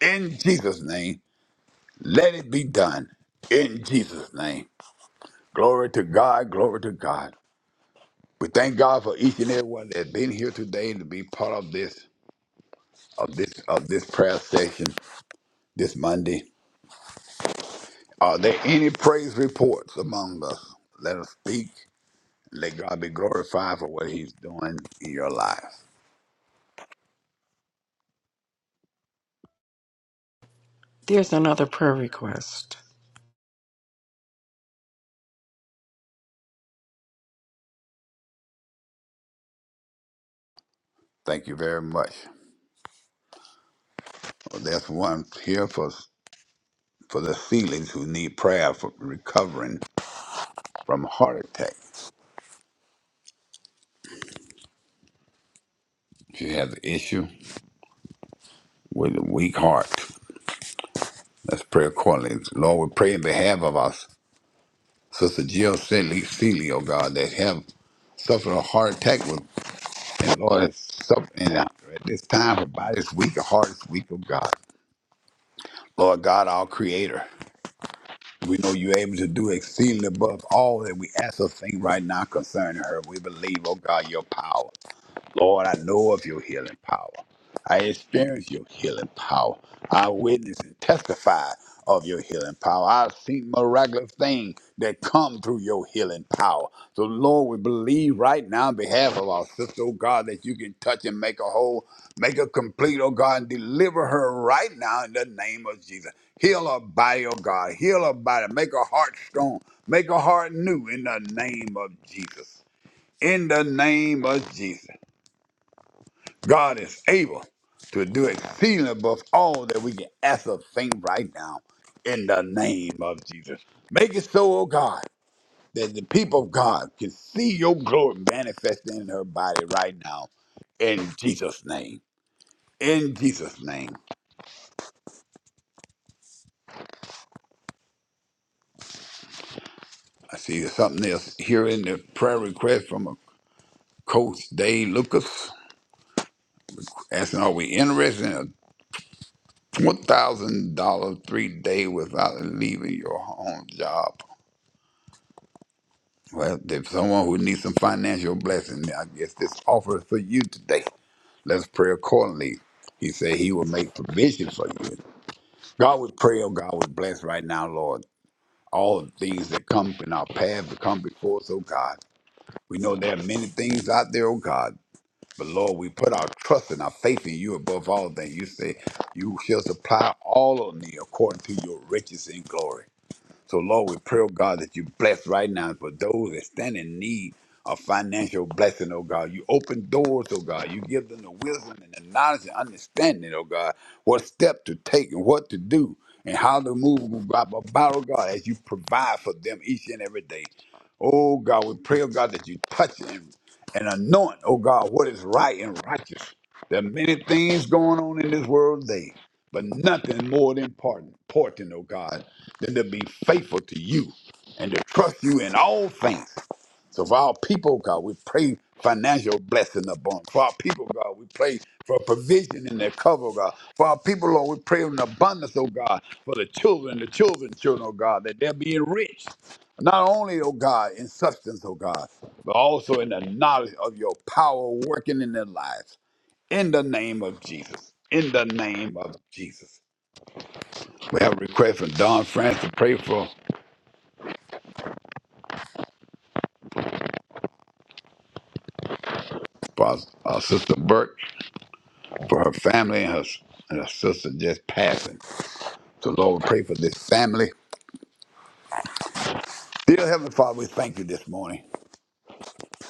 [SPEAKER 2] In Jesus' name, let it be done. In Jesus' name. Glory to God, glory to God. We thank God for each and every one that has been here today to be part of this, of this, of this prayer session. this Monday. Are there any praise reports among us? Let us speak. Let God be glorified for what He's doing in your life.
[SPEAKER 3] There's another prayer request.
[SPEAKER 2] Thank you very much. Well, there's one here for for the ceilings who need prayer for recovering from heart attacks. If you have an issue with a weak heart, let's pray accordingly. Lord, we pray in behalf of us. Sister Jill Seeley, Seeley, oh God, that have suffered a heart attack. And Lord, it's something out there at this time for by this week, the hardest week of God. Lord God, our creator, we know you're able to do exceedingly above all that we ask or think right now concerning her. We believe, oh God, your power. Lord, I know of your healing power. I experience your healing power. I witness and testify of your healing power. I've seen miraculous things that come through your healing power. So, Lord, we believe right now on behalf of our sister, oh God, that you can touch and make a whole, make her complete, oh God, and deliver her right now in the name of Jesus. Heal her body, oh God. Heal her body. Make her heart strong. Make her heart new in the name of Jesus. In the name of Jesus. God is able to do exceeding above all that we can ask or think right now in the name of Jesus. Make it so, oh God, that the people of God can see your glory manifested in her body right now in Jesus' name. In Jesus' name. I see there's something else here in the prayer request from a coach, Dave Lucas, asking, are we interested in a $1,000 three day without leaving your home job? Well, if someone who needs some financial blessing, I guess this offer is for you today. Let's pray accordingly. He said he will make provision for you. God, we pray, oh God, we bless right now, Lord. All the things that come in our path that come before us, oh God. We know there are many things out there, oh God. But Lord, we put our trust and our faith in you above all things. You say you shall supply all of me according to your riches and glory. So, Lord, we pray, oh God, that you bless right now for those that stand in need of financial blessing, oh God. You open doors, oh God. You give them the wisdom and the knowledge and understanding, oh God, what step to take and what to do and how to move about, about, oh God, as you provide for them each and every day. Oh God, we pray, oh God, that you touch and, and anoint, oh God, what is right and righteous. There are many things going on in this world today. But nothing more important, important, oh God, than to be faithful to you and to trust you in all things. So for our people, God, we pray financial blessing upon. For our people, God, we pray for provision in their cover, God. For our people, Lord, we pray in abundance, oh God, for the children, the children's children, oh God, that they'll be enriched. Not only, oh God, in substance, oh God, but also in the knowledge of your power working in their lives. In the name of Jesus. In the name of Jesus. We have a request from Don France to pray for, for our sister Burke, for her family and her, and her sister just passing. So, Lord, we pray for this family. Dear Heavenly Father, we thank you this morning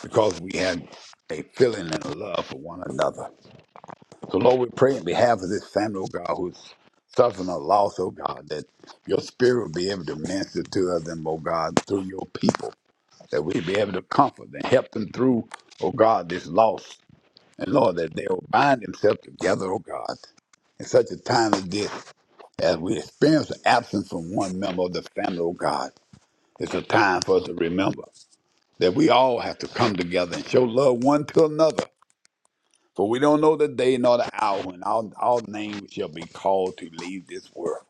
[SPEAKER 2] because we have a feeling and a love for one another. So, Lord, we pray in behalf of this family, oh God, who's suffering a loss, oh God, that your spirit will be able to minister to them, oh God, through your people, that we be able to comfort and help them through, oh God, this loss And Lord, that they will bind themselves together, O God, in such a time as this, as we experience the absence from one member of the family, O God, it's a time for us to remember that we all have to come together and show love one to another. For we don't know the day nor the hour when our, our name shall be called to leave this world.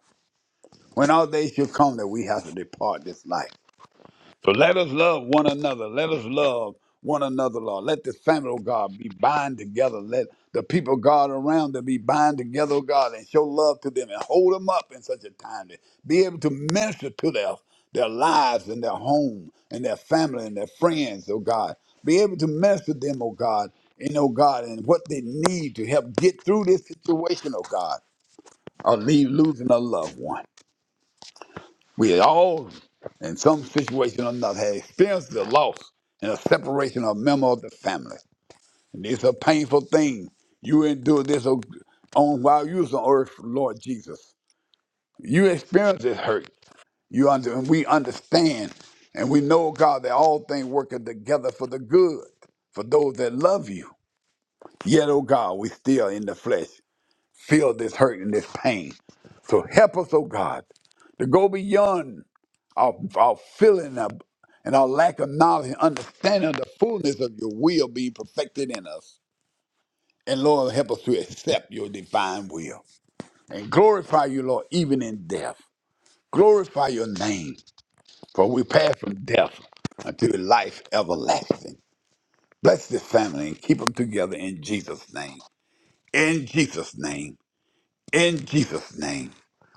[SPEAKER 2] When our day shall come that we have to depart this life. So let us love one another. Let us love one another, Lord. Let the family of God be bind together. Let the people of God around them be bind together, oh God, and show love to them and hold them up in such a time to be able to minister to their, their lives and their home and their family and their friends, oh God. Be able to minister to them, oh God, and oh God, and what they need to help get through this situation, oh God, or leave losing a loved one. We all, in some situation or another, have experienced the loss and the separation of a member of the family. And these are painful things. You endure this on on while you was on earth, Lord Jesus. You experience this hurt. You under, and we understand, and we know, God, that all things working together for the good, for those that love you. Yet, oh God, we still in the flesh feel this hurt and this pain. So help us, oh God, to go beyond our, our feeling of, and our lack of knowledge and understanding of the fullness of your will being perfected in us. And Lord, help us to accept your divine will and glorify you, Lord, even in death. Glorify your name, for we pass from death unto life everlasting. Bless this family and keep them together in Jesus' name. In Jesus' name. In Jesus' name.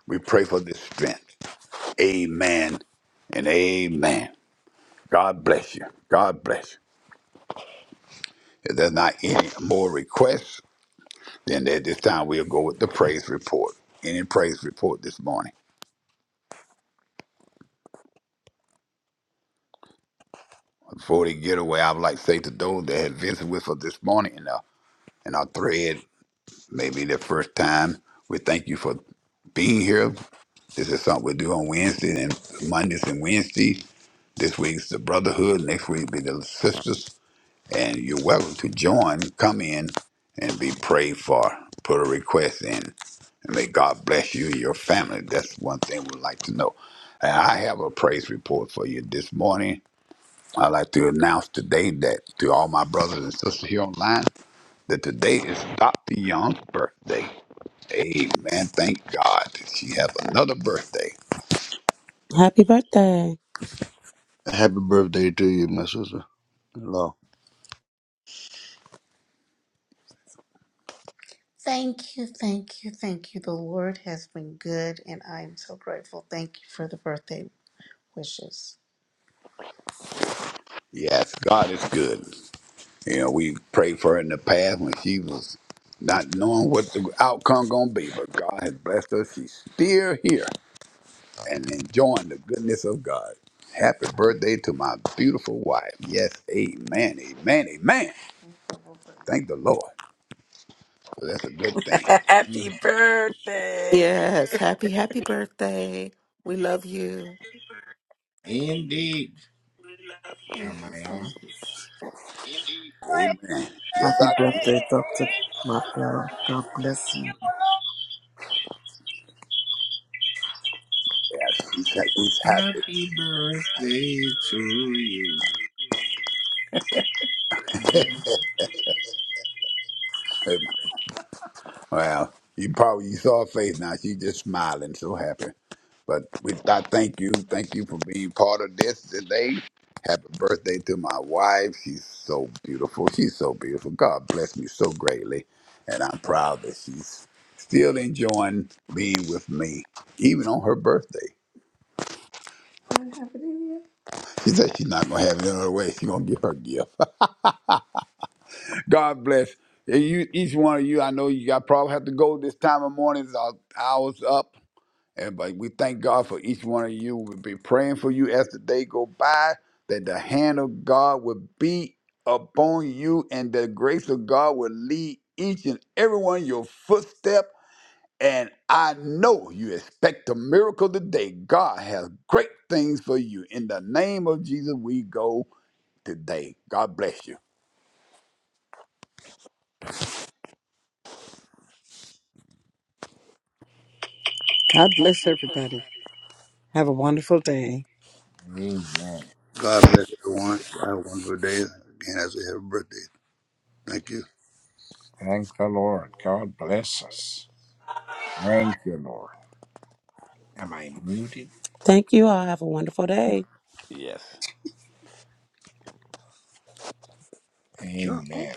[SPEAKER 2] We pray for this strength. Amen and amen. God bless you. God bless you. If there's not any more requests, then at this time we'll go with the praise report. Any praise report this morning? Before they get away, I would like to say to those that have visited with us this morning in our, in our thread, maybe their first time, we thank you for being here. This is something we do on Wednesdays and Mondays and Wednesdays. This week's the brotherhood. Next week be the sisters. and you're welcome to join, come in, and be prayed for. Put a request in, and may God bless you and your family. That's one thing we'd like to know. And I have a praise report for you this morning. I'd like to announce today that to all my brothers and sisters here online, that today is Dr. Young's birthday. Amen. Thank God that she has another birthday.
[SPEAKER 5] Happy birthday.
[SPEAKER 4] Happy birthday to you, my sister in law.
[SPEAKER 2] Yes, God is good. You know, we prayed for her in the past when she was not knowing what the outcome gonna be, but God has blessed her. She's still here and enjoying the goodness of God. Happy birthday to my beautiful wife. Yes, amen, amen, amen. Thank the Lord. So that's a good thing.
[SPEAKER 6] Happy Mm. birthday.
[SPEAKER 7] Yes, happy, happy birthday. We love you.
[SPEAKER 6] Indeed, How am I on?
[SPEAKER 2] Amen. Yes,
[SPEAKER 1] Happy
[SPEAKER 2] I yes,
[SPEAKER 1] birthday, Dr. Martha. God bless you.
[SPEAKER 2] yes, he's, he's
[SPEAKER 6] Happy birthday to you. Is that me?
[SPEAKER 2] happy. Well, you probably you saw her face now. She's just smiling, so happy. But we, I thank you, thank you for being part of this today. Happy birthday to my wife. She's so beautiful. She's so beautiful. God bless me so greatly, and I'm proud that she's still enjoying being with me, even on her birthday. She said she's not gonna have it another way. She's gonna give her gift. God bless you, each one of you. I know you. I probably have to go this time of morning. Our hours up. And but we thank God for each one of you. We'll be praying for you as the day go by, that the hand of God will be upon you and the grace of God will lead each and every one of your footstep. And I know you expect a miracle today. God has great things for you. In the name of Jesus, we go today. God bless you.
[SPEAKER 6] God bless everybody. Have a wonderful day. Amen.
[SPEAKER 4] God bless everyone. Have a wonderful day. Again, that's a happy birthday. Thank you.
[SPEAKER 6] Thank the Lord. God bless us. Thank you, Lord. Am I muted?
[SPEAKER 5] Thank you all. Have a wonderful day.
[SPEAKER 2] Yes.
[SPEAKER 6] You're Amen.